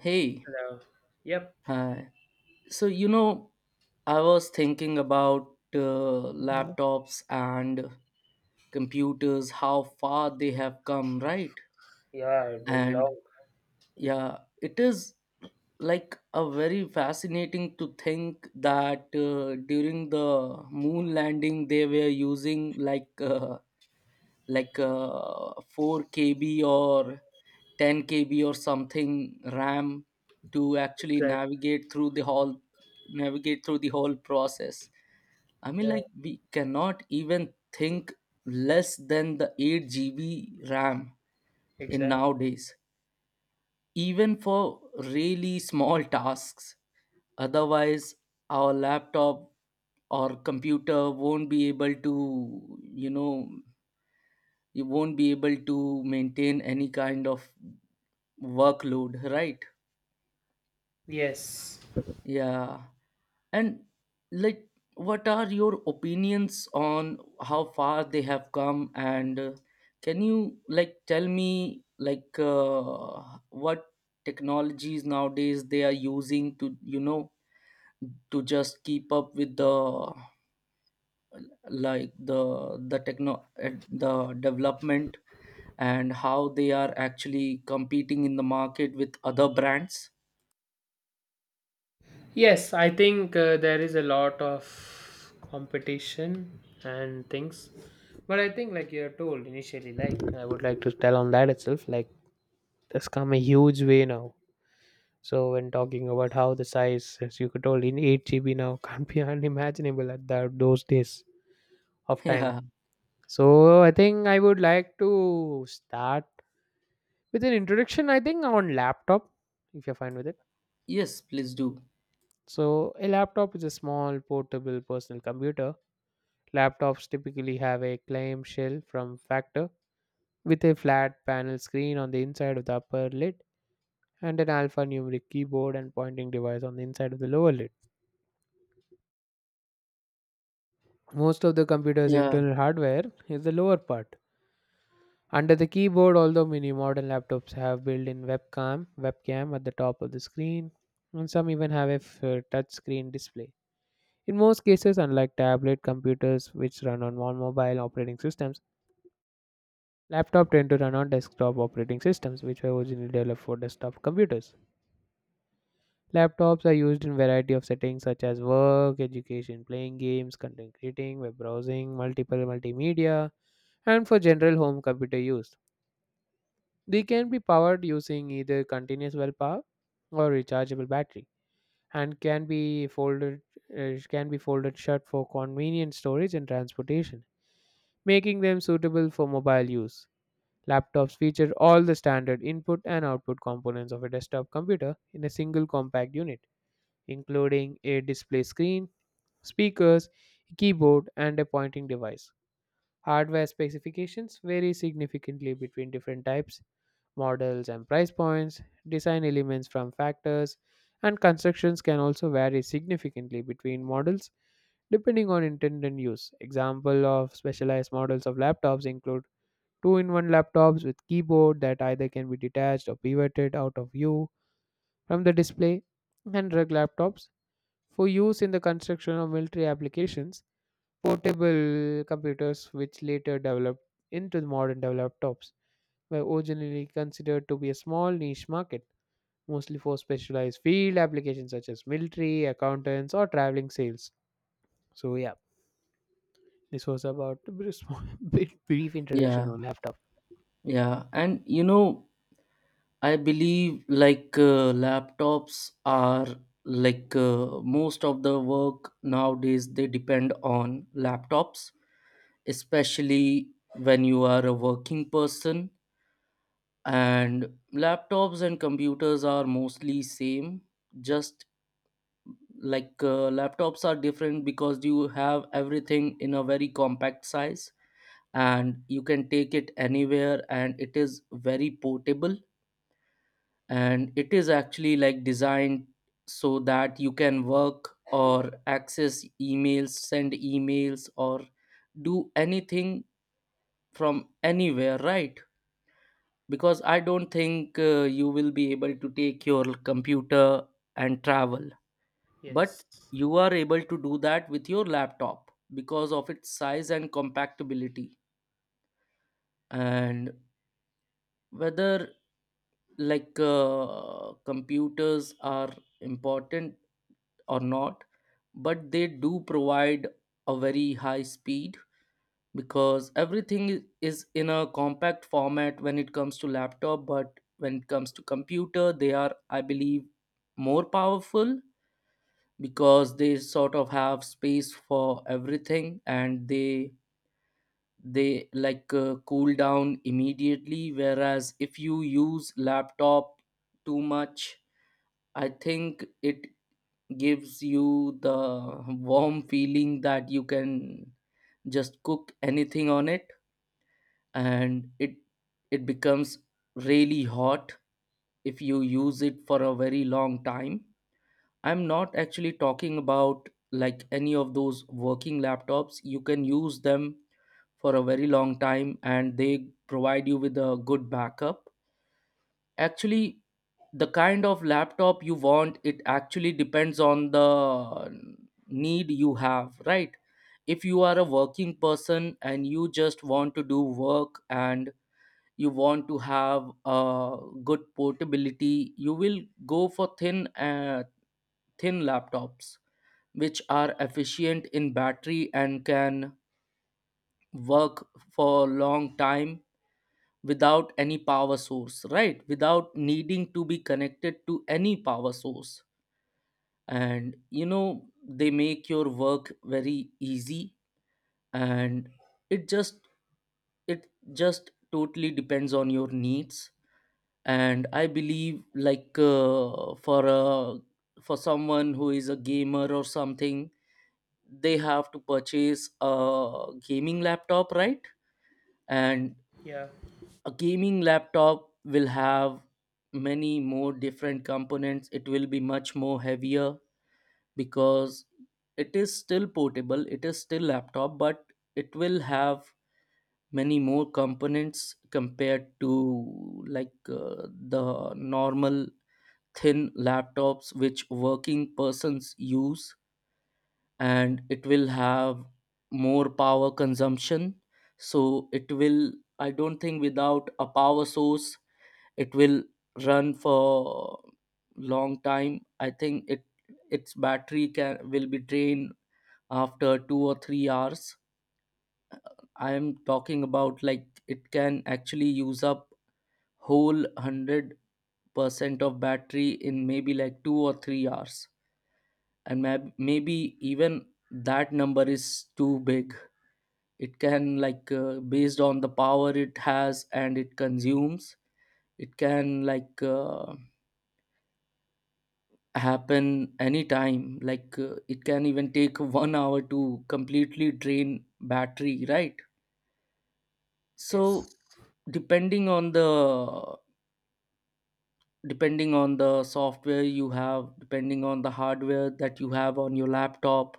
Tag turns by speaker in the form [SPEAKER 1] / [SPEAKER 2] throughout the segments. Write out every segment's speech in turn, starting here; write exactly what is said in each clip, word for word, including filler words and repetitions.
[SPEAKER 1] Hey,
[SPEAKER 2] Yeah. Yep.
[SPEAKER 1] hi. So, you know, I was thinking about uh,
[SPEAKER 2] Oh,
[SPEAKER 1] laptops and computers, how far they have come, right?
[SPEAKER 2] yeah, very
[SPEAKER 1] And
[SPEAKER 2] long.
[SPEAKER 1] yeah, it is like a very fascinating to think that uh, during the moon landing they were using like uh, like uh, four k b kb or ten k b kb or something ram to actually
[SPEAKER 2] Exactly.
[SPEAKER 1] navigate through the whole navigate through the whole process. I mean,
[SPEAKER 2] Yeah,
[SPEAKER 1] like, we cannot even think less than the eight g b ram in
[SPEAKER 2] exactly.
[SPEAKER 1] nowadays even for really small tasks, otherwise our laptop or computer won't be able to, you know you won't be able to maintain any kind of workload, right?
[SPEAKER 2] Yes.
[SPEAKER 1] Yeah. And, like, what are your opinions on how far they have come? And uh, can you like tell me like uh, what technologies nowadays they are using to, you know to just keep up with the like the the techno uh, the development, and how they are actually competing in the market with other brands?
[SPEAKER 2] Yes, I think uh, there is a lot of competition and things. But I think, like you're told initially, like I would like to tell on that itself, like that's come a huge way now. So when talking about how the size, as you could told, in eight G B now can't be unimaginable at that those days of time.
[SPEAKER 1] Yeah.
[SPEAKER 2] So I think I would like to start with an introduction, I think, on laptop, if you're fine with it.
[SPEAKER 1] Yes, please do.
[SPEAKER 2] So a laptop is a small portable personal computer. Laptops typically have a clamshell from factor with a flat panel screen on the inside of the upper lid, and an alphanumeric keyboard and pointing device on the inside of the lower lid. Most of the computer's
[SPEAKER 1] Yeah,
[SPEAKER 2] internal hardware is the lower part under the keyboard, although many modern laptops have built-in webcam webcam at the top of the screen, and some even have a f- touch screen display. In most cases, unlike tablet computers, which run on mon- mobile operating systems, laptops tend to run on desktop operating systems, which were originally developed for desktop computers. Laptops are used in variety of settings such as work, education, playing games, content creating, web browsing, multiple multimedia, and for general home computer use. They can be powered using either continuous well power or rechargeable battery, and can be folded uh, can be folded shut for convenient storage and transportation, making them suitable for mobile use. Laptops feature all the standard input and output components of a desktop computer in a single compact unit, including a display screen, speakers, keyboard, and a pointing device. Hardware specifications vary significantly between different types, models, and price points. Design elements from factors and constructions can also vary significantly between models depending on intended use. Example of specialized models of laptops include two in one laptops with keyboard that either can be detached or pivoted out of view from the display, and rugged laptops for use in the construction of military applications. Portable computers, which later developed into the modern laptops, were originally considered to be a small niche market, mostly for specialized field applications such as military, accountants, or traveling sales. So, yeah, this was about a bit small- bit brief introduction
[SPEAKER 1] yeah,
[SPEAKER 2] on laptop.
[SPEAKER 1] yeah. And you know, I believe like uh, laptops are like uh, most of the work nowadays they depend on laptops, especially when you are a working person. And laptops and computers are mostly same, just like uh, laptops are different because you have everything in a very compact size, and you can take it anywhere and it is very portable, and it is actually like designed so that you can work or access emails, send emails, or do anything from anywhere, right? Because I don't think uh, you will be able to take your computer and travel, but
[SPEAKER 2] Yes.
[SPEAKER 1] you are able to do that with your laptop because of its size and compactability. And whether like uh, computers are important or not, but they do provide a very high speed because everything i- is in a compact format when it comes to laptop. But when it comes to computer, they are, I believe, more powerful because they sort of have space for everything, and they they like uh, cool down immediately, whereas if you use laptop too much, I think it gives you the warm feeling that you can just cook anything on it. And it it becomes really hot if you use it for a very long time. I'm not actually talking about like any of those working laptops. You can use them for a very long time and they provide you with a good backup. Actually, the kind of laptop you want, it actually depends on the need you have, right? If you are a working person and you just want to do work, and you want to have a good portability, you will go for thin uh, thin laptops which are efficient in battery and can work for a long time without any power source, right? Without needing to be connected to any power source. And, you know, they make your work very easy. And it just it just totally depends on your needs. And I believe like uh, for a for someone who is a gamer or something, they have to purchase a gaming laptop, right? And
[SPEAKER 2] Yeah.
[SPEAKER 1] a gaming laptop will have many more different components. It will be much more heavier because it is still portable, it is still laptop, but it will have many more components compared to like uh, the normal thin laptops which working persons use. And it will have more power consumption, so it will, I don't think without a power source, it will run for long time. I think it, its battery can will be drained after two or three hours. I am talking about like it can actually use up whole one hundred percent of battery in maybe like two or three hours. And mayb- maybe even that number is too big. It can like uh, based on the power it has and it consumes, it can like uh, happen anytime, like uh, it can even take one hour to completely drain battery, right?
[SPEAKER 2] Yes.
[SPEAKER 1] So depending on the depending on the software you have, depending on the hardware that you have on your laptop,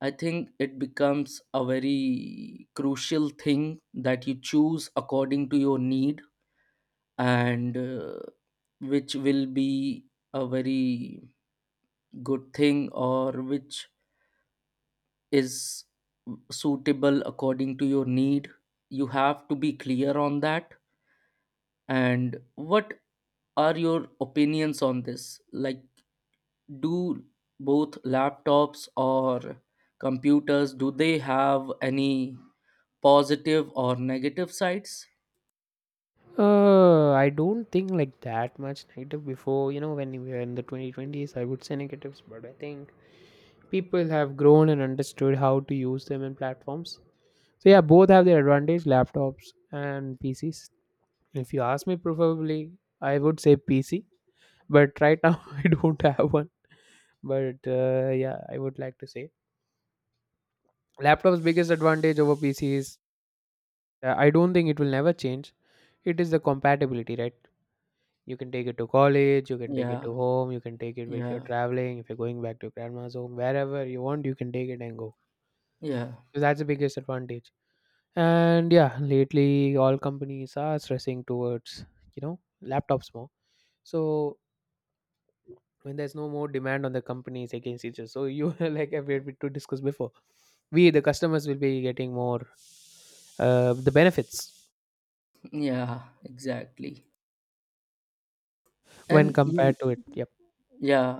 [SPEAKER 1] I think it becomes a very crucial thing that you choose according to your need. And uh, which will be a very good thing, or which is suitable according to your need, you have to be clear on that. And what are your opinions on this? Like, do both laptops or computers, do they have any positive or negative sides?
[SPEAKER 2] Uh, I don't think like that much negative before, you know, when we were in the twenty twenties, I would say negatives, but I think people have grown and understood how to use them in platforms. So, yeah, both have their advantage, laptops and P Cs. If you ask me, preferably, I would say P C, but right now I don't have one. But uh, yeah, I would like to say laptop's biggest advantage over P C is, uh, I don't think it will never change. It is the compatibility, right? You can take it to college, you can take it
[SPEAKER 1] Yeah,
[SPEAKER 2] to home, you can take it if you're
[SPEAKER 1] yeah,
[SPEAKER 2] traveling, if you're going back to grandma's home, wherever you want, you can take it and go.
[SPEAKER 1] yeah,
[SPEAKER 2] So that's the biggest advantage. And yeah, lately all companies are stressing towards, you know, laptops more. So when there's no more demand on the companies against each other. So you like we had to discuss before. We the customers will be getting more uh, the benefits
[SPEAKER 1] yeah, exactly.
[SPEAKER 2] when
[SPEAKER 1] And you,
[SPEAKER 2] compared to it. Yep.
[SPEAKER 1] yeah,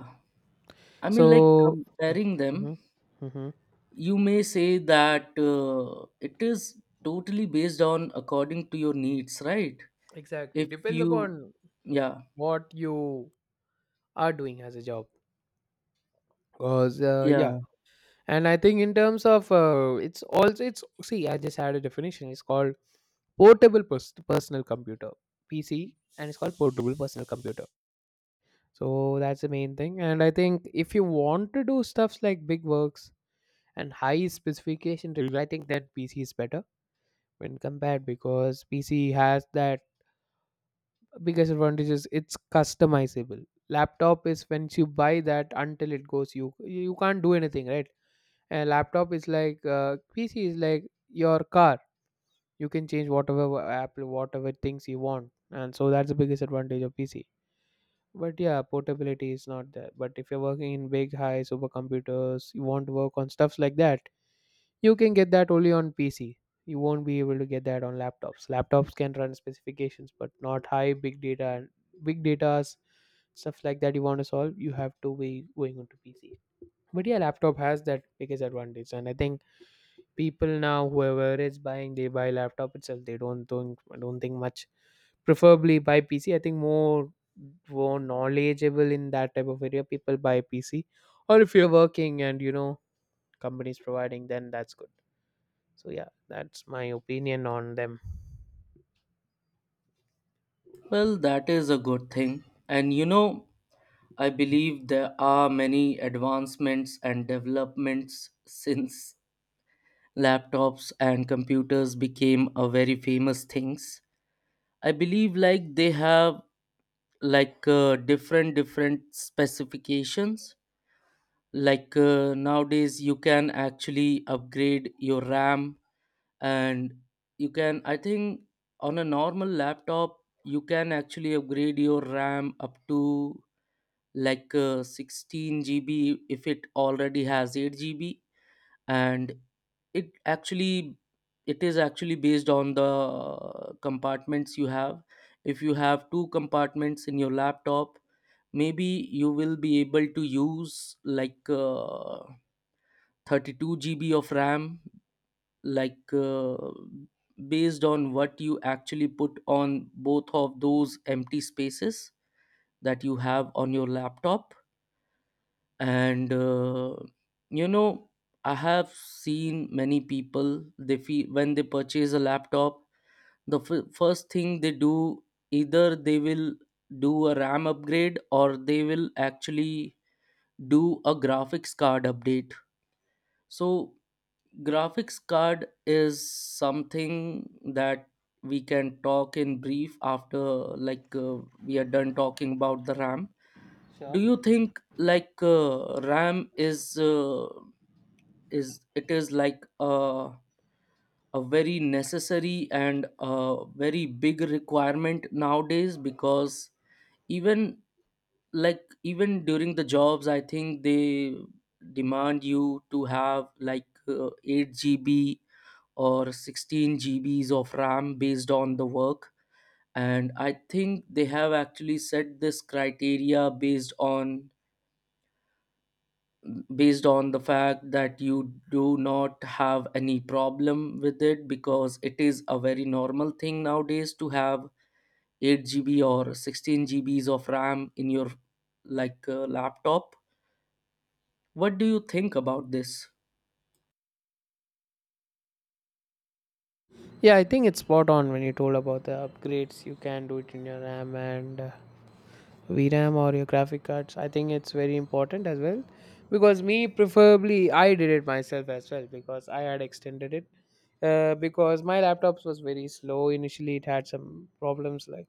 [SPEAKER 1] I mean, like,
[SPEAKER 2] So.
[SPEAKER 1] comparing them,
[SPEAKER 2] Mhm, mhm.
[SPEAKER 1] you may say that uh, it is totally based on according to your needs, right?
[SPEAKER 2] Exactly.
[SPEAKER 1] If
[SPEAKER 2] Depends
[SPEAKER 1] you,
[SPEAKER 2] upon
[SPEAKER 1] yeah,
[SPEAKER 2] what you are doing as a job, because uh,
[SPEAKER 1] yeah.
[SPEAKER 2] yeah, and I think in terms of uh, it's also, it's, see, I just had a definition, it's called portable pers- personal computer, PC, and it's called portable personal computer. So that's the main thing. And I think if you want to do stuffs like big works and high specification review, I think that PC is better when compared, because PC has that biggest advantage is it's customizable. Laptop is, once you buy that until it goes, you you can't do anything, right? And laptop is like uh, PC is like your car. You can change whatever wa- apple, whatever things you want. And so that's the biggest advantage of PC, but yeah, portability is not there. But if you're working in big high supercomputers, you want to work on stuffs like that, you can get that only on PC. You won't be able to get that on laptops. Laptops can run specifications but not high big data, and big data's stuff like that you want to solve, you have to be going onto PC. But yeah, laptop has that biggest advantage, and I think people now whoever is buying they buy laptop itself, they don't don't, don't think much. Preferably buy PC, I think. More more knowledgeable in that type of area, people buy PC. Or if you're working and, you know, companies providing, then that's good. So yeah, that's my opinion on them.
[SPEAKER 1] Well, that is a good thing, and you know, I believe there are many advancements and developments since laptops and computers became a very famous things. I believe like they have like uh, different different specifications. like uh, nowadays you can actually upgrade your ram. And you can, I think, on a normal laptop, you can actually upgrade your ram up to like uh, sixteen g b if it already has eight g b. And it actually it is actually based on the uh, compartments you have. If you have two compartments in your laptop, maybe you will be able to use like uh, thirty-two G B of RAM, like uh, based on what you actually put on both of those empty spaces that you have on your laptop. And uh, you know, I have seen many people, they feel when they purchase a laptop, the f- first thing they do, either they will do a RAM upgrade or they will actually do a graphics card update. So graphics card is something that we can talk in brief after like uh, we are done talking about the ram.
[SPEAKER 2] Sure.
[SPEAKER 1] Do you think like uh, ram is uh, is, it is like a a very necessary and a very big requirement nowadays? Because even, like, even during the jobs, I think they demand you to have like uh, eight g b or sixteen G Bs of RAM based on the work. And I think they have actually set this criteria based on based on the fact that you do not have any problem with it, because it is a very normal thing nowadays to have eight G B or sixteen G Bs of RAM in your like uh, laptop. What do you think about this?
[SPEAKER 2] Yeah, I think it's spot on when you told about the upgrades. You can do it in your RAM and uh, v ram or your graphic cards. I think it's very important as well, because me, preferably, I did it myself as well because I had extended it, uh, because my laptops was very slow initially. It had some problems like,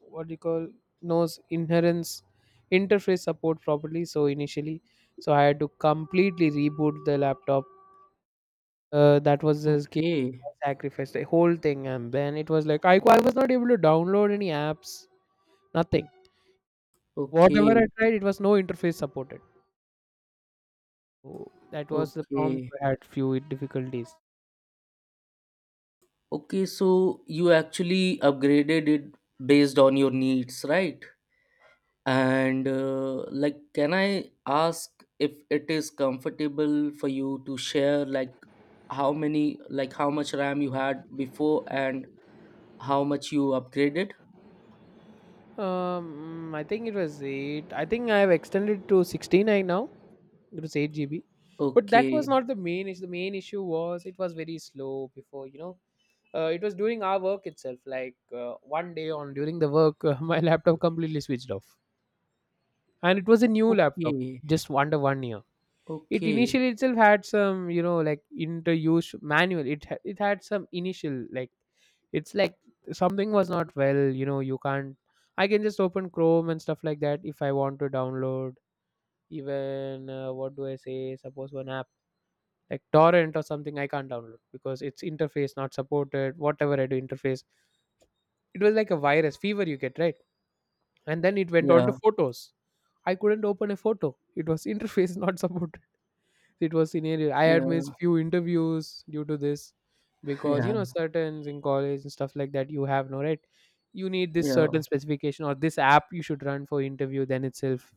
[SPEAKER 2] what do you call, knows inherence interface support properly. So initially, so I had to completely reboot the laptop. Uh, that was this game.
[SPEAKER 1] Okay,
[SPEAKER 2] I sacrificed the whole thing, and then it was like I I was not able to download any apps, nothing. Whatever
[SPEAKER 1] okay,
[SPEAKER 2] I tried, it was no interface supported. So that was the prompt.
[SPEAKER 1] okay.
[SPEAKER 2] I had few difficulties.
[SPEAKER 1] Okay, so you actually upgraded it based on your needs, right? And uh, like, can I ask if it is comfortable for you to share, like, how many, like, how much RAM you had before and how much you upgraded?
[SPEAKER 2] Um, I think it was eight. I think I have extended to sixteen, I now. It was eight G B, but that
[SPEAKER 1] Okay,
[SPEAKER 2] was not the main issue. The main issue was it was very slow before, you know. Uh, it was during our work itself. Like uh, one day on during the work, uh, my laptop completely switched off, and it was a new laptop
[SPEAKER 1] okay,
[SPEAKER 2] just under one year. It
[SPEAKER 1] okay.
[SPEAKER 2] initially itself had some, you know, like use manual, it ha- it had some initial, like, it's like something was not well, you know, you can't. I can just open Chrome and stuff like that. If I want to download even uh, what do I say, suppose one app like torrent or something, I can't download because its interface not supported. Whatever I do, interface, it was like a virus fever you get, right? And then it went on to
[SPEAKER 1] Yeah,
[SPEAKER 2] photos, I couldn't open a photo. It was interface not supported. It was scenario. I
[SPEAKER 1] yeah,
[SPEAKER 2] had missed few interviews due to this, because, you
[SPEAKER 1] yeah,
[SPEAKER 2] know, certain in college and stuff like that, you have no, right. You need this
[SPEAKER 1] yeah, yeah.
[SPEAKER 2] certain specification or this app you should run for interview. Then itself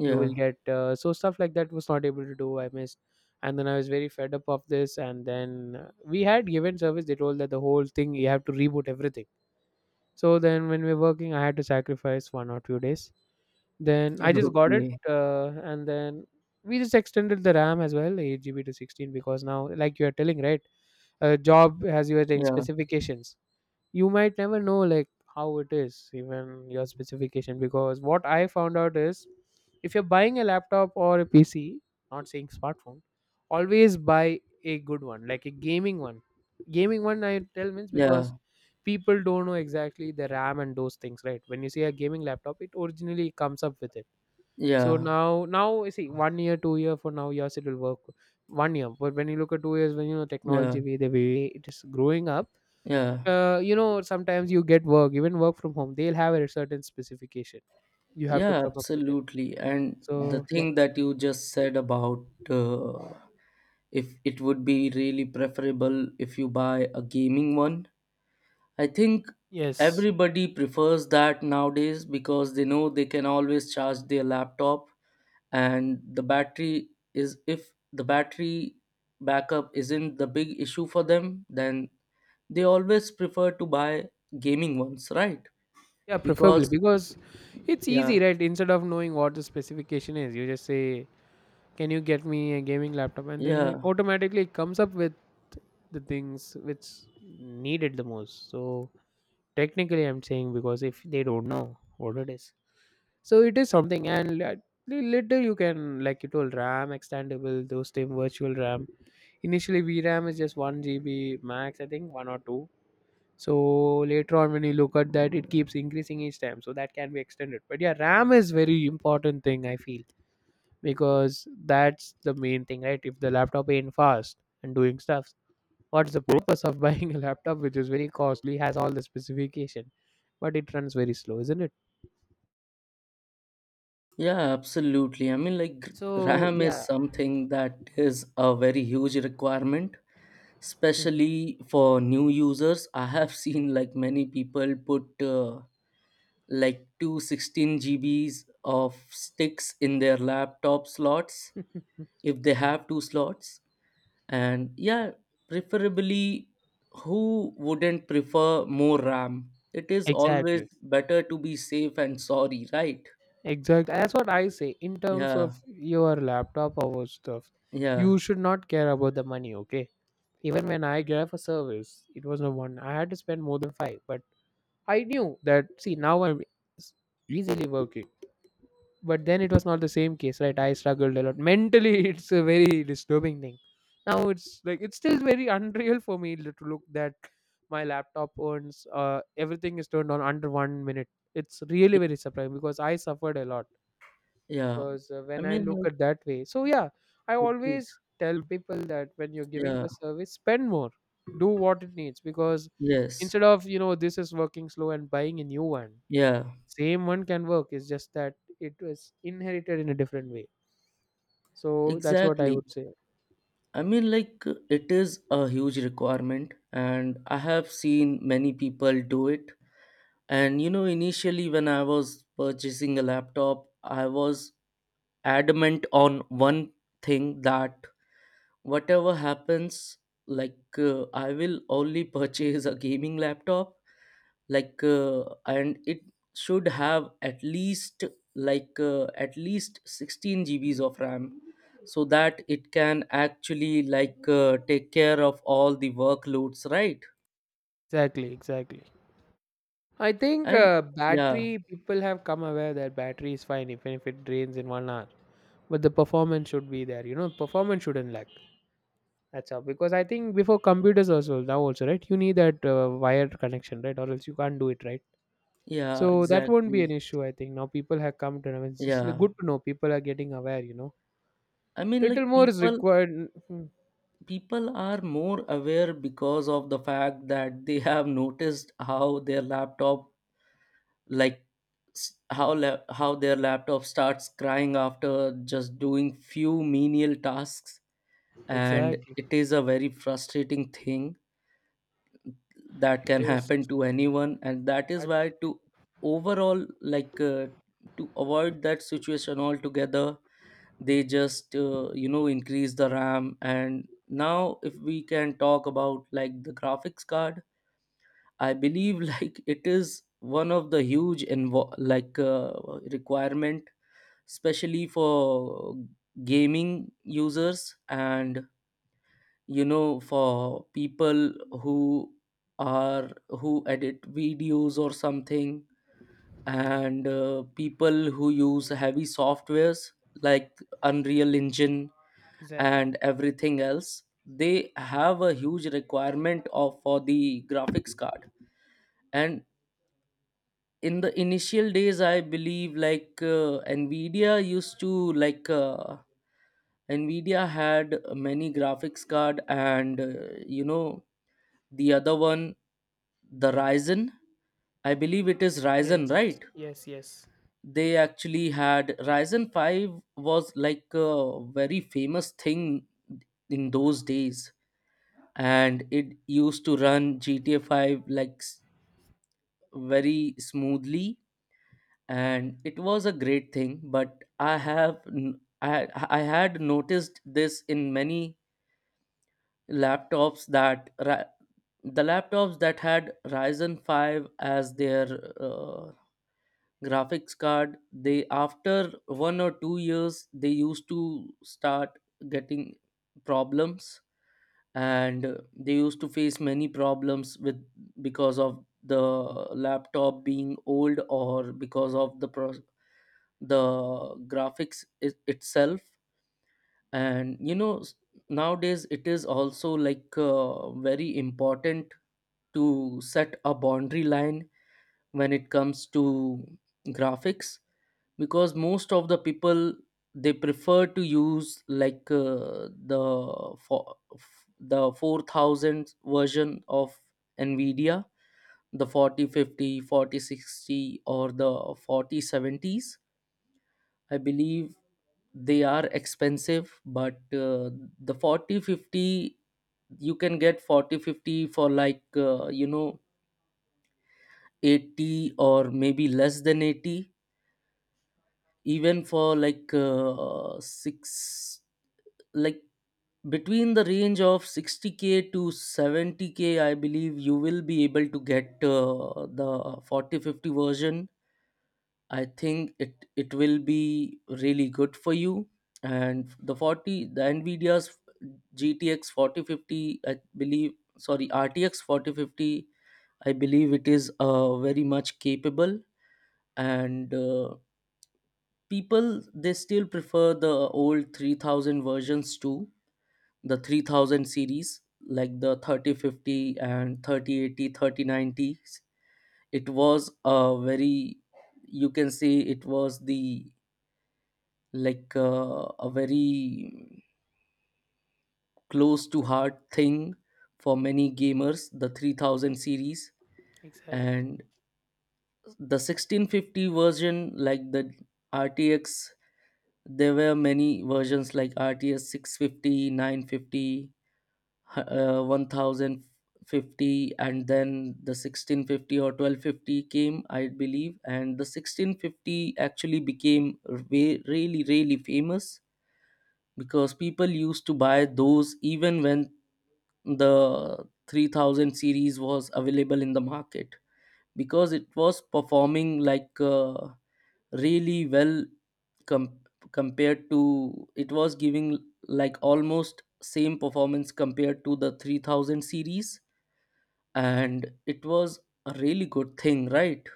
[SPEAKER 2] you will get, uh, so stuff like that was not able to do. I missed, and then I was very fed up of this. And then uh, we had given service. They told that the whole thing you have to reboot everything. So then when we were working, I had to sacrifice one or two days. Then I just got it,
[SPEAKER 1] Okay,
[SPEAKER 2] uh, and then we just extended the RAM as well, eight G B to sixteen, because now, like you are telling, right, a job has your thing,
[SPEAKER 1] yeah,
[SPEAKER 2] specifications. You might never know, like, how it is, even your specification, because what I found out is if you're buying a laptop or a P C, not saying smartphone, always buy a good one, like a gaming one. Gaming one, I tell means because
[SPEAKER 1] yeah,
[SPEAKER 2] people don't know exactly the RAM and those things, right? When you see a gaming laptop, it originally comes up with it. So
[SPEAKER 1] yeah,
[SPEAKER 2] now, now you see one year, two year for now, yes, it will work. One year, but when you look at two years, when you know
[SPEAKER 1] yeah,
[SPEAKER 2] technology way the way it is growing up,
[SPEAKER 1] yeah.
[SPEAKER 2] uh, you know, sometimes you get work, even work from home. They'll have a certain specification. You have to
[SPEAKER 1] Yeah,
[SPEAKER 2] come up with it.
[SPEAKER 1] absolutely. And the
[SPEAKER 2] So yeah.
[SPEAKER 1] thing that you just said about uh, if it would be really preferable if you buy a gaming one, I think
[SPEAKER 2] Yes.
[SPEAKER 1] everybody prefers that nowadays because they know they can always charge their laptop, and the battery is, if the battery backup isn't the big issue for them, then they always prefer to buy gaming ones, right?
[SPEAKER 2] Yeah, preferably
[SPEAKER 1] Because
[SPEAKER 2] because it's easy,
[SPEAKER 1] yeah,
[SPEAKER 2] right? Instead of knowing what the specification is, you just say, "Can you get me a gaming laptop?" and then you
[SPEAKER 1] yeah.
[SPEAKER 2] automatically it comes up with the things which needed the most. So technically, I'm saying because if they don't know what it is, so it is something, and li- later you can, like you told, RAM extendable, those same virtual RAM. Initially, v ram is just one G B max, I think one or two. So later on, when you look at that, it keeps increasing each time, so that can be extended. But yeah, RAM is very important thing I feel, because that's the main thing, right? If the laptop ain't fast and doing stuff, what's the purpose of buying a laptop which is very costly, has all the specification, but it runs very slow, isn't it?
[SPEAKER 1] Yeah, absolutely. I mean, like, gr-
[SPEAKER 2] So
[SPEAKER 1] RAM is
[SPEAKER 2] yeah.
[SPEAKER 1] something that is a very huge requirement,
[SPEAKER 2] Hmm.
[SPEAKER 1] especially for new users. I have seen like many people put uh, like two sixteen 16 G Bs of sticks in their laptop slots if they have two slots. And yeah, preferably, who wouldn't prefer more RAM? It is always
[SPEAKER 2] Exactly,
[SPEAKER 1] better to be safe and sorry, right?
[SPEAKER 2] exactly. That's what I say. In terms
[SPEAKER 1] Yeah,
[SPEAKER 2] of your laptop or stuff,
[SPEAKER 1] yeah.
[SPEAKER 2] you should not care about the money. Okay. Even when I gave a service, it was no one. I had to spend more than five, but I knew that. See, now I'm s- easily working. But then it was not the same case, right? I struggled a lot mentally. It's a very disturbing thing. Now it's like it's still very unreal for me to look that my laptop owns, uh, everything is turned on under one minute. It's really very surprising because I suffered a lot.
[SPEAKER 1] Yeah,
[SPEAKER 2] Because uh,
[SPEAKER 1] I
[SPEAKER 2] when I
[SPEAKER 1] mean,
[SPEAKER 2] look
[SPEAKER 1] like,
[SPEAKER 2] at that way, so yeah, I
[SPEAKER 1] it is.
[SPEAKER 2] always tell people that when you're giving
[SPEAKER 1] Yeah,
[SPEAKER 2] for service, spend more, do what it needs, because
[SPEAKER 1] yes,
[SPEAKER 2] instead of you know this is working slow and buying a new one,
[SPEAKER 1] yeah,
[SPEAKER 2] same one can work. It's just that it was inherited in a different way. So that's what I
[SPEAKER 1] exactly.
[SPEAKER 2] would say.
[SPEAKER 1] I mean, like, uh, it is a huge requirement, and I have seen many people do it. And you know, initially, when I was purchasing a laptop, I was adamant on one thing, that whatever happens, like, uh, I will only purchase a gaming laptop, like uh, and it should have at least, like uh, at least sixteen G Bs of RAM, so that it can actually, like uh, take care of all the workloads, right?
[SPEAKER 2] Exactly, exactly. I think
[SPEAKER 1] And
[SPEAKER 2] uh,
[SPEAKER 1] yeah,
[SPEAKER 2] battery people have come aware that battery is fine even if it drains in one hour, but the performance should be there. You know, performance shouldn't lag. That's how, because I think before computers also now also, right, you need that uh, wired connection, right, or else you can't do it, right.
[SPEAKER 1] yeah,
[SPEAKER 2] So that won't be an
[SPEAKER 1] exactly,
[SPEAKER 2] issue. I think now people have come to know. It's just like,
[SPEAKER 1] yeah.
[SPEAKER 2] good to know people are getting aware. You know,
[SPEAKER 1] I mean, like,
[SPEAKER 2] little more is
[SPEAKER 1] people
[SPEAKER 2] required. Mhm.
[SPEAKER 1] people are more aware, because of the fact that they have noticed how their laptop, like s- how la- how their laptop starts crying after just doing few menial tasks. And
[SPEAKER 2] Exactly.
[SPEAKER 1] it is a very frustrating thing that
[SPEAKER 2] It
[SPEAKER 1] can
[SPEAKER 2] is.
[SPEAKER 1] happen to anyone, and that
[SPEAKER 2] I,
[SPEAKER 1] is why to overall, like uh, to avoid that situation altogether, they just uh, you know increase the ram. And now, if we can talk about like the graphics card, I believe like it is one of the huge invo- like uh, requirement, especially for gaming users, and you know for people who are who edit videos or something. And uh, people who use heavy softwares like Unreal Engine
[SPEAKER 2] Exactly.
[SPEAKER 1] and everything else, they have a huge requirement of for the graphics card. And in the initial days, I believe, like uh, nvidia used to like uh, Nvidia had many graphics card. And uh, you know the other one, the Ryzen, I believe it is Ryzen,
[SPEAKER 2] Yes.
[SPEAKER 1] right?
[SPEAKER 2] Yes. Yes.
[SPEAKER 1] They actually had Ryzen five, was like a very famous thing in those days, and it used to run G T A five like s- very smoothly. And it was a great thing, but I have n- I, I had noticed this in many laptops, that ra- the laptops that had Ryzen five as their uh, graphics card, they after one or two years they used to start getting problems. And uh, they used to face many problems with, because of the laptop being old, or because of the pro- the graphics it, itself. And you know s- nowadays it is also, like uh, very important to set a boundary line when it comes to graphics, because most of the people, they prefer to use, like uh, the for, f- the four thousand version of Nvidia, the forty fifty forty sixty or the forty seventies, I believe. They are expensive, but uh, the forty fifty, you can get forty fifty for, like uh, you know eighty, or maybe less than eighty, even for like uh, six like between the range of sixty k to seventy k, I believe you will be able to get, uh, the forty fifty version. I think it it will be really good for you. And the forty the Nvidia's G T X forty fifty, I believe, sorry, R T X forty fifty, I believe it is, uh, very much capable. And uh, people, they still prefer the old three thousand versions to the three thousand series, like the thirty fifty and thirty eighty, thirty nineties. It was a very, you can say, it was, the like, uh, a very close to heart thing for many gamers, the three thousand series.
[SPEAKER 2] Exactly.
[SPEAKER 1] And the sixteen fifty version, like the R T X, there were many versions like R T X six fifty, nine fifty, nine fifty, uh, ten fifty, and then the sixteen fifty or twelve fifty came, I believe. And the sixteen fifty actually became re- really really famous, because people used to buy those even when the three thousand series was available in the market, because it was performing, like uh, really well. Com- compared to It was giving like almost same performance compared to the three thousand series, and it was a really good thing, right?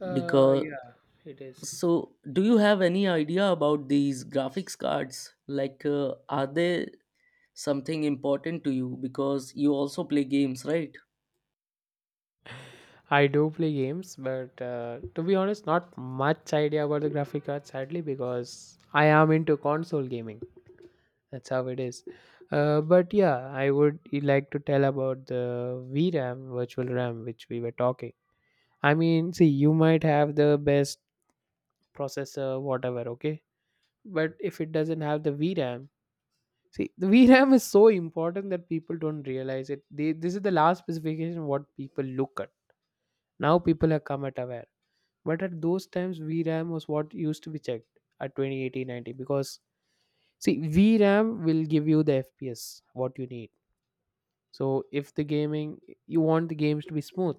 [SPEAKER 2] Uh,
[SPEAKER 1] Because,
[SPEAKER 2] yeah, it is.
[SPEAKER 1] so do you have any idea about these graphics cards, like uh, are they something important to you, because you also play games, right?
[SPEAKER 2] I do play games, but uh, to be honest, not much idea about the graphic card, sadly, because I am into console gaming. That's how it is. Uh, but yeah, I would like to tell about the V RAM, virtual RAM, which we were talking. I mean, see, you might have the best processor, whatever, okay? But if it doesn't have the V RAM, see, the V RAM is so important that people don't realize it. They, this is the last specification what people look at. Now people have come at aware. But at those times, V RAM was what used to be checked at twenty eighty ninety, because see, V RAM will give you the F P S what you need. So if the gaming, you want the games to be smooth,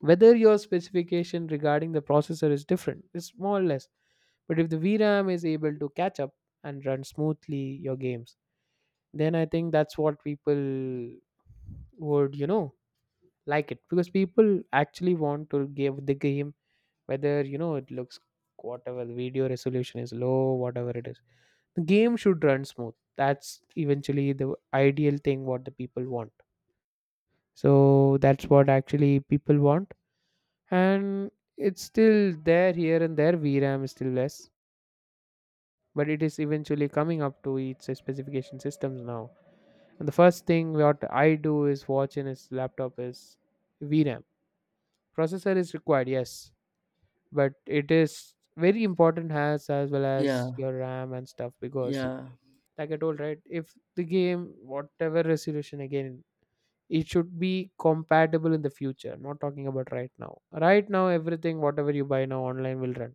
[SPEAKER 2] whether your specification regarding the processor is different, it's more or less. But if the V RAM is able to catch up and run smoothly your games, then I think that's what people would, you know like it, because people actually want to give the game, whether you know it looks, whatever the video resolution is low, whatever it is, the game should run smooth. That's eventually the ideal thing what the people want. So that's what actually people want. And it's still there here and there, VRAM is still less, but it is eventually coming up to its specification systems now. And the first thing what I do is watch in his laptop is V RAM. Processor is required, yes, but it is very important as as well
[SPEAKER 1] Yeah,
[SPEAKER 2] as your RAM and stuff, because,
[SPEAKER 1] yeah.
[SPEAKER 2] like I told, right, if the game whatever resolution again, it should be compatible in the future. Not talking about right now. Right now, everything whatever you buy now online will run.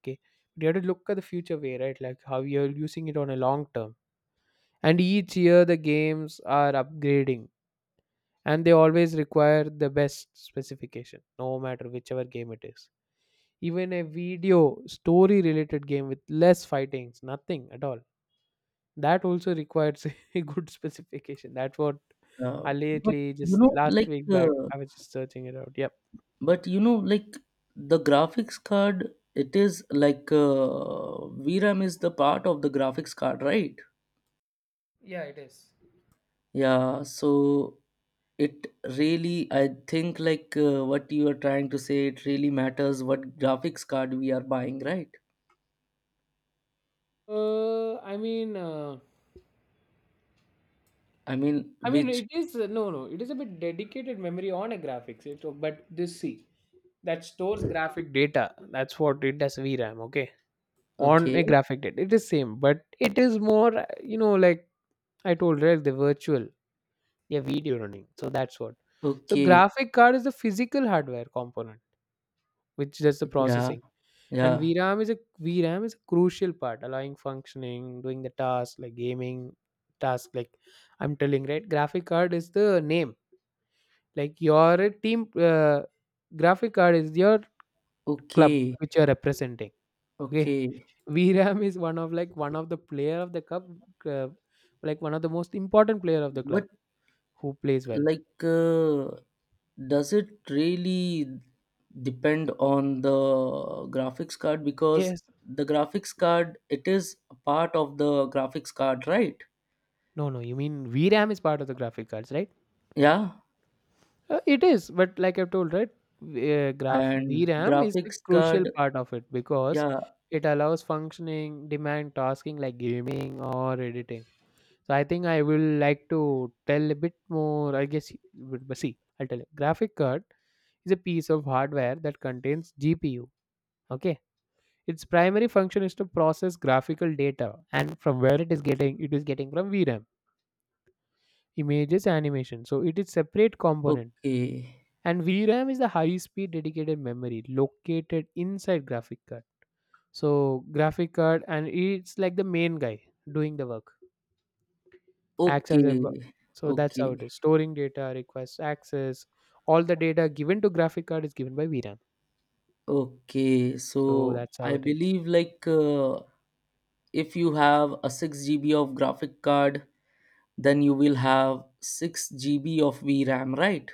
[SPEAKER 2] Okay, but you have to look at the future way, right? Like how you're using it on a long term. And each year the games are upgrading, and they always require the best specification no matter whichever game it is, even a video story related game with less fightings, nothing at all, that also requires a good specification. That's what
[SPEAKER 1] uh,
[SPEAKER 2] I
[SPEAKER 1] but
[SPEAKER 2] lately,
[SPEAKER 1] you
[SPEAKER 2] just
[SPEAKER 1] know
[SPEAKER 2] last
[SPEAKER 1] like
[SPEAKER 2] week back,
[SPEAKER 1] uh,
[SPEAKER 2] I was just searching it out. Yep.
[SPEAKER 1] but you know, like the graphics card, it is, like uh, VRAM is the part of the graphics card, right?
[SPEAKER 2] Yeah, it is.
[SPEAKER 1] Yeah. So it really, I think, like uh, what you are trying to say, it really matters what graphics card we are buying, right?
[SPEAKER 2] uh i mean uh,
[SPEAKER 1] I mean,
[SPEAKER 2] I mean
[SPEAKER 1] which.
[SPEAKER 2] it is, uh, no, no, it is a bit dedicated memory on a graphics it's, but this see, that stores graphic data, that's what it does, VRAM. Okay. On a
[SPEAKER 1] Okay,
[SPEAKER 2] graphic date. It is same, but it is more, uh, you know, like I told, right? The virtual, yeah, video running. So that's what. So
[SPEAKER 1] okay.
[SPEAKER 2] graphic card is the physical hardware component, which does the
[SPEAKER 1] Yeah,
[SPEAKER 2] processing. And
[SPEAKER 1] yeah,
[SPEAKER 2] V RAM is a V RAM is a crucial part, allowing functioning, doing the task like gaming task. Like I'm telling, right? Graphic card is the name. Like your team, uh, graphic card is your club
[SPEAKER 1] okay,
[SPEAKER 2] which you're representing. Okay.
[SPEAKER 1] okay.
[SPEAKER 2] Viram is one of, like, one of the player of the cup, uh, like one of the most important player of the club,
[SPEAKER 1] But,
[SPEAKER 2] who plays well.
[SPEAKER 1] like uh, does it really depend on the graphics card? Because
[SPEAKER 2] Yes.
[SPEAKER 1] the graphics card, it is a part of the graphics card, right?
[SPEAKER 2] No, no, you mean V RAM is part of the graphic cards, right?
[SPEAKER 1] Yeah,
[SPEAKER 2] Uh, it is, but like I've told, right? v- Uh, graph
[SPEAKER 1] and
[SPEAKER 2] V RAM is the
[SPEAKER 1] graphics
[SPEAKER 2] crucial
[SPEAKER 1] card.
[SPEAKER 2] part of it, because
[SPEAKER 1] Yeah,
[SPEAKER 2] it allows functioning, demand tasking like gaming or editing. So I think I will like to tell a bit more, I guess, but but see, I'll tell you. Graphic card is a piece of hardware that contains G P U. Okay. Its primary function is to process graphical data, and from where it is getting it is getting from V RAM, images, animation. So it is separate component.
[SPEAKER 1] okay,
[SPEAKER 2] And V RAM is the high speed dedicated memory located inside graphic card. So graphic card, and it's like the main guy doing the work. Acts as a
[SPEAKER 1] okay,
[SPEAKER 2] bu- so that's
[SPEAKER 1] okay,
[SPEAKER 2] how it is. Storing data, requests access. All the data given to graphic card is given by V RAM.
[SPEAKER 1] okay. So
[SPEAKER 2] So that's how
[SPEAKER 1] I
[SPEAKER 2] it is.
[SPEAKER 1] believe, like uh, if you have a six G B of graphic card, then you will have six G B of V ram, right?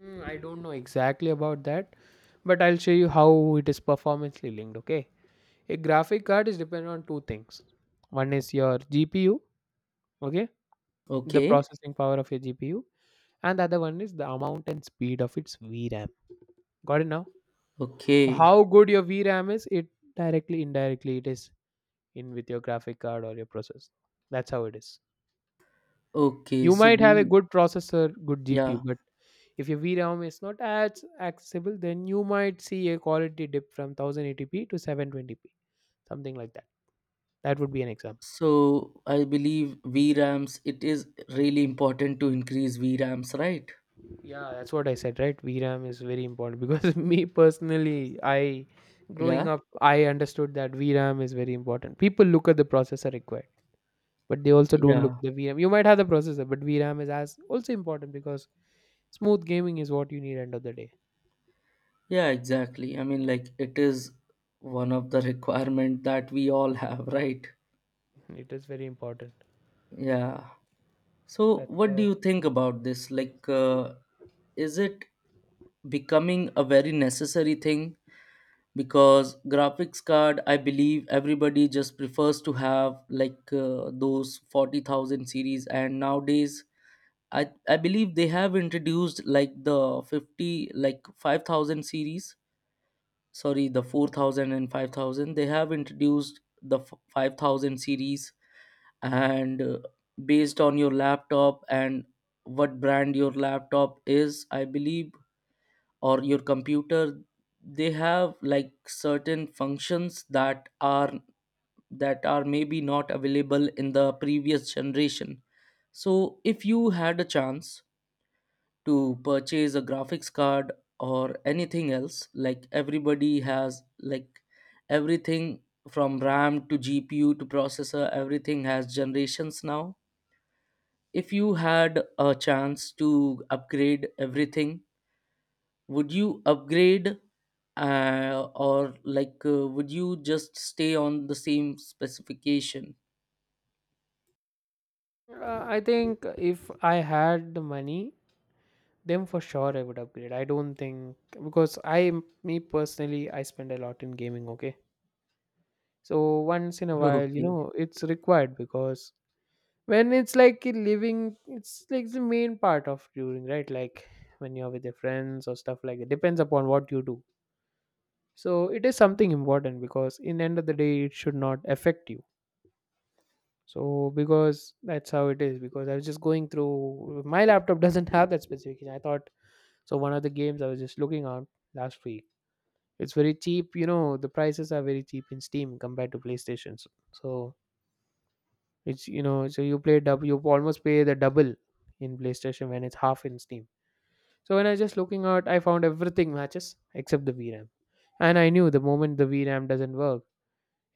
[SPEAKER 2] Hmm, I don't know exactly about that, but I'll show you how it is performancely linked. Okay, a graphic card is dependent on two things. One is your G P U, okay, the
[SPEAKER 1] Okay,
[SPEAKER 2] processing power of your G P U, and the other one is the amount and speed of its V RAM. Got it now? So
[SPEAKER 1] okay,
[SPEAKER 2] how good your V RAM is, it, directly indirectly, it is in with your graphic card or your processor. That's how it is.
[SPEAKER 1] okay.
[SPEAKER 2] You
[SPEAKER 1] So
[SPEAKER 2] might have a
[SPEAKER 1] we.
[SPEAKER 2] good processor, good G P U,
[SPEAKER 1] Yeah,
[SPEAKER 2] but if your V RAM is not as accessible, then you might see a quality dip from one thousand eighty p to seven twenty p, something like that. That would be an example.
[SPEAKER 1] so I believe V rams, it is really important to increase V rams, right?
[SPEAKER 2] Yeah, that's what I said, right? V RAM is very important because, me personally, I, growing
[SPEAKER 1] Yeah,
[SPEAKER 2] up, I understood that V RAM is very important. People look at the processor required, but they also don't look
[SPEAKER 1] yeah,
[SPEAKER 2] at the V RAM. You might have the processor, but V RAM is as also important, because smooth gaming is what you need end of the day.
[SPEAKER 1] yeah, exactly. I mean, like, it is one of the requirement that we all have, right?
[SPEAKER 2] It is very important.
[SPEAKER 1] Yeah. So
[SPEAKER 2] That's
[SPEAKER 1] what do
[SPEAKER 2] uh,
[SPEAKER 1] you think about this? Like, uh, is it becoming a very necessary thing? Because graphics card, I believe everybody just prefers to have, like uh, those forty thousand series, and nowadays I I believe they have introduced like the fifty like five thousand series, sorry, the four thousand and five thousand. They have introduced the f- five thousand series, and uh, based on your laptop and what brand your laptop is, I believe, or your computer, they have like certain functions that are that are maybe not available in the previous generation. So if you had a chance to purchase a graphics card or anything else, like everybody has like everything, from ram to gpu to processor, everything has generations now. If you had a chance to upgrade everything, would you upgrade, uh, or like uh, would you just stay on the same specification?
[SPEAKER 2] uh, I think if I had the money, then for sure I would upgrade. I don't think, because I me personally, I spend a lot in gaming. Okay. So once in a while, you
[SPEAKER 1] Okay,
[SPEAKER 2] know it's required, because when it's like a living, it's like the main part of touring, right, like when you're with your friends or stuff like that, depends upon what you do. So it is something important, because in end of the day it should not affect you. So, because that's how it is, because I was just going through my laptop, doesn't have that specification, I thought. So one of the games I was just looking at last week, it's very cheap, you know the prices are very cheap in Steam compared to PlayStation. So it's, you know, so you play double, you almost pay the double in PlayStation when it's half in Steam. So when I was just looking out, I found everything matches except the V RAM, and I knew the moment the V RAM doesn't work.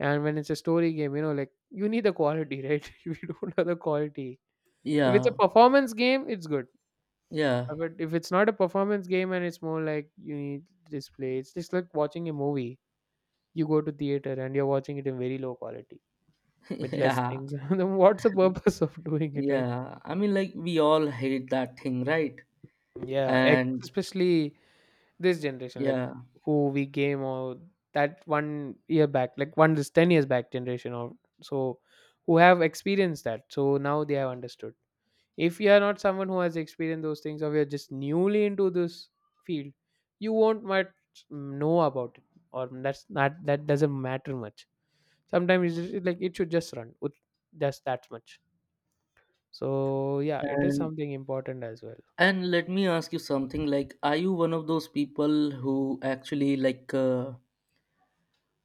[SPEAKER 2] And when it's a story game, you know, like you need the quality, right? If you don't have the quality, if it's a
[SPEAKER 1] yeah,
[SPEAKER 2] performance game, it's good.
[SPEAKER 1] yeah,
[SPEAKER 2] Uh, But if it's not a performance game, and it's more like you need display, it's just like watching a movie. You go to theater and you're watching it in very low quality with less
[SPEAKER 1] yeah,
[SPEAKER 2] things. Then what's the purpose of doing it, right?
[SPEAKER 1] yeah. I mean, like, we all hate that thing, right?
[SPEAKER 2] Yeah, ex-
[SPEAKER 1] And
[SPEAKER 2] especially this generation, like
[SPEAKER 1] yeah.
[SPEAKER 2] who we game, or that one year back, like one this ten years back generation or so, who have experienced that. So now they have understood. If you are not someone who has experienced those things, or you're just newly into this field, you won't much know about it, or that's not that doesn't matter much. Sometimes it's just, like it should just run with just that much. So yeah, it is
[SPEAKER 1] and
[SPEAKER 2] something important as well.
[SPEAKER 1] and let me ask you something, like, are you one of those people who actually, like uh,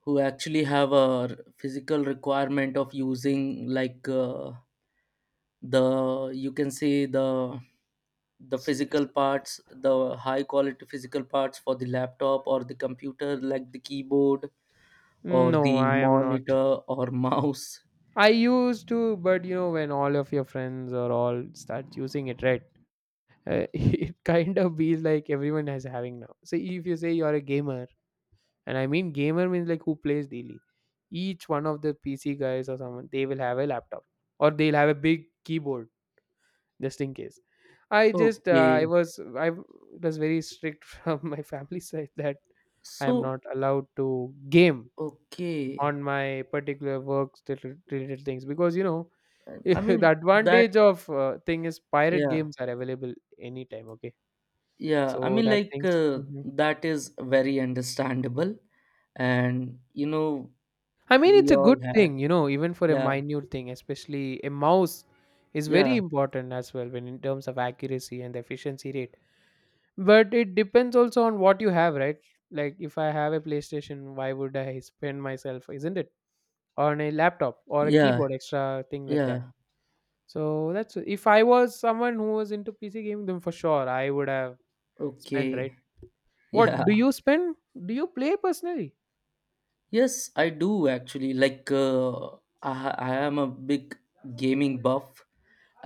[SPEAKER 1] who actually have a r- physical requirement of using, like uh, the, you can say, the the
[SPEAKER 2] S-
[SPEAKER 1] physical
[SPEAKER 2] s-
[SPEAKER 1] parts, the high quality physical parts, for the laptop or the computer, like the keyboard or
[SPEAKER 2] No,
[SPEAKER 1] the
[SPEAKER 2] I am not.
[SPEAKER 1] monitor or mouse?
[SPEAKER 2] I used to, but you know, when all of your friends or all start using it, right? Uh, it kind of be like everyone is having now. So if you say you're a gamer, and I mean gamer means like who plays daily, each one of the P C guys or someone, they will have a laptop or they'll have a big keyboard just in case. I just uh, I
[SPEAKER 1] Okay,
[SPEAKER 2] was I was very strict from my family side, that I am
[SPEAKER 1] so,
[SPEAKER 2] not allowed to game
[SPEAKER 1] okay.
[SPEAKER 2] on my particular works related related things because you know.
[SPEAKER 1] i I
[SPEAKER 2] The
[SPEAKER 1] mean that.
[SPEAKER 2] advantage of, uh, thing is pirate
[SPEAKER 1] Yeah.
[SPEAKER 2] games are available anytime, okay?
[SPEAKER 1] Yeah, I
[SPEAKER 2] So
[SPEAKER 1] mean,
[SPEAKER 2] that
[SPEAKER 1] like,
[SPEAKER 2] things.
[SPEAKER 1] uh,
[SPEAKER 2] Mhm.
[SPEAKER 1] that is very understandable. And, you know,
[SPEAKER 2] I mean, it's
[SPEAKER 1] we
[SPEAKER 2] a good
[SPEAKER 1] all had,
[SPEAKER 2] thing, you know, even for a
[SPEAKER 1] yeah,
[SPEAKER 2] minute thing, especially a mouse is
[SPEAKER 1] yeah,
[SPEAKER 2] very important as well when in terms of accuracy and efficiency rate. But it depends also on what you have, right? Like if I have a PlayStation, why would I spend myself, isn't it? On a laptop or a
[SPEAKER 1] yeah,
[SPEAKER 2] keyboard, extra thing like that.
[SPEAKER 1] yeah,
[SPEAKER 2] So that's if I was someone who was into P C gaming, then for sure I would have spent,
[SPEAKER 1] okay,
[SPEAKER 2] right? What
[SPEAKER 1] yeah.
[SPEAKER 2] do you spend? Do you play personally?
[SPEAKER 1] Yes, I do actually. Like, uh, I, I am a big gaming buff,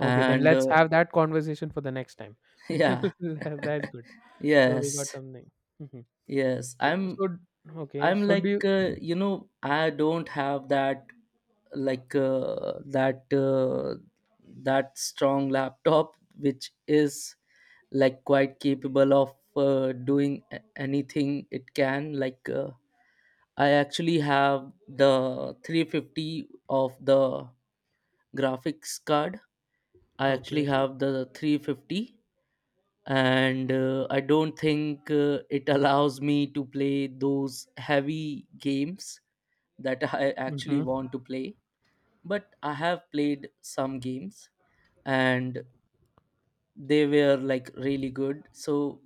[SPEAKER 2] Okay, then
[SPEAKER 1] uh,
[SPEAKER 2] let's have that conversation for the next time.
[SPEAKER 1] yeah,
[SPEAKER 2] That's good. So we got
[SPEAKER 1] yes,
[SPEAKER 2] something. Mhm.
[SPEAKER 1] yes.
[SPEAKER 2] So,
[SPEAKER 1] I'm
[SPEAKER 2] so okay.
[SPEAKER 1] I'm
[SPEAKER 2] So do
[SPEAKER 1] like,
[SPEAKER 2] you?
[SPEAKER 1] uh, you know, I don't have that, like uh, that uh, that strong laptop, which is like quite capable of uh, doing a- anything it can. Like, uh, I actually have the three fifty of the graphics card. I actually
[SPEAKER 2] Okay.
[SPEAKER 1] have the three fifty, and uh, I don't think uh, it allows me to play those heavy games that I actually
[SPEAKER 2] Hmm.
[SPEAKER 1] want to play. But I have played some games, and they were like really good. So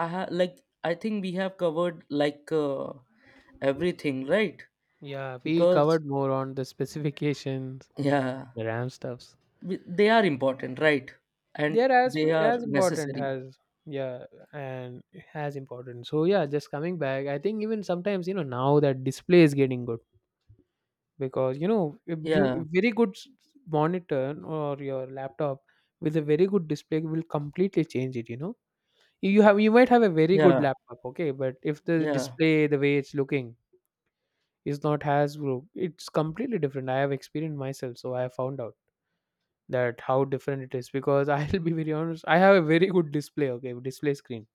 [SPEAKER 1] I ha- like I think we have covered, like uh, everything, right?
[SPEAKER 2] Yeah, we
[SPEAKER 1] Because,
[SPEAKER 2] covered more on the specifications,
[SPEAKER 1] yeah,
[SPEAKER 2] the RAM stuffs.
[SPEAKER 1] we- they are important, right? And
[SPEAKER 2] They're as
[SPEAKER 1] they are
[SPEAKER 2] as important
[SPEAKER 1] necessary.
[SPEAKER 2] as, yeah, and as important. So yeah, just coming back, I think even sometimes, you know now that display is getting good. Because, you know a beau-
[SPEAKER 1] Yeah,
[SPEAKER 2] a very good s- monitor or your laptop with a very good display will completely change it you know you have you might have a very good
[SPEAKER 1] yeah,
[SPEAKER 2] laptop okay, but if the
[SPEAKER 1] yeah,
[SPEAKER 2] display, the way it's looking, is not as good, it's completely different. I have experienced myself, so I have found out that how different it is, because I'll be very honest, I have a very good display, okay, display screen,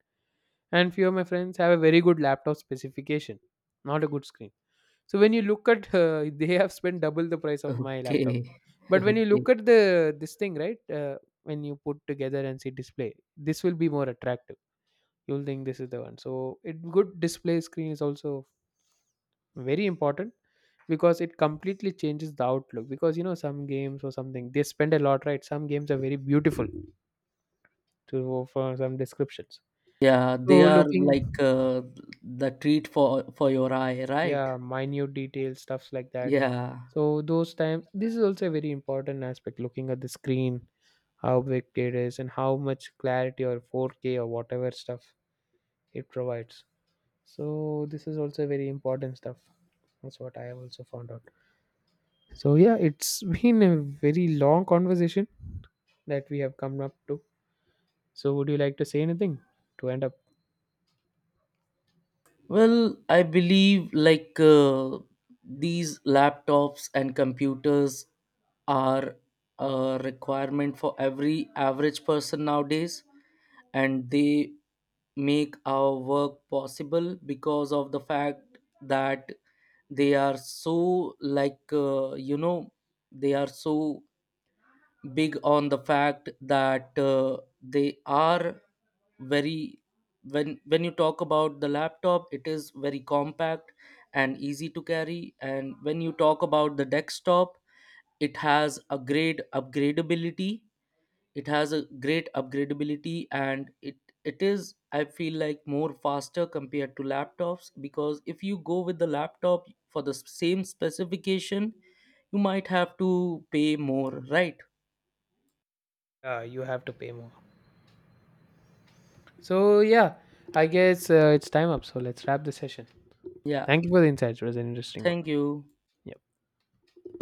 [SPEAKER 2] and few of my friends have a very good laptop specification, not a good screen. So when you look at, uh, they have spent double the price of my
[SPEAKER 1] okay,
[SPEAKER 2] laptop. But when you
[SPEAKER 1] okay.
[SPEAKER 2] look at the this thing, right? Uh, when you put together and see display, this will be more attractive. You'll think this is the one. So it good display screen is also very important, because it completely changes the outlook. Because you know some games or something, they spend a lot, right? Some games are very beautiful to for some descriptions.
[SPEAKER 1] Yeah, they
[SPEAKER 2] So
[SPEAKER 1] are like,
[SPEAKER 2] looking,
[SPEAKER 1] uh, the treat for for your eye, right?
[SPEAKER 2] yeah, minute details stuffs like that.
[SPEAKER 1] Yeah.
[SPEAKER 2] So those times, this is also a very important aspect, looking at the screen, how big it is and how much clarity or four K or whatever stuff it provides. So this is also very important stuff. That's what I have also found out. So yeah, it's been a very long conversation that we have come up to. So would you like to say anything to end up?
[SPEAKER 1] Well, I believe, like uh, these laptops and computers are a requirement for every average person nowadays, and they make our work possible, because of the fact that they are so, like, uh, you know they are so big on the fact that, uh, they are very. When when you talk about the laptop, it is very compact and easy to carry, and when you talk about the desktop, it has a great upgradability. It has a great upgradability and it it is, I feel, like more faster compared to laptops, because if you go with the laptop for the s- same specification, you might have to pay more, right?
[SPEAKER 2] Uh, you have to pay more, so yeah, I guess, uh, it's time up, so let's wrap the session.
[SPEAKER 1] Yeah.
[SPEAKER 2] Thank you for the insights. It was an interesting one.
[SPEAKER 1] Thank you.
[SPEAKER 2] Yeah.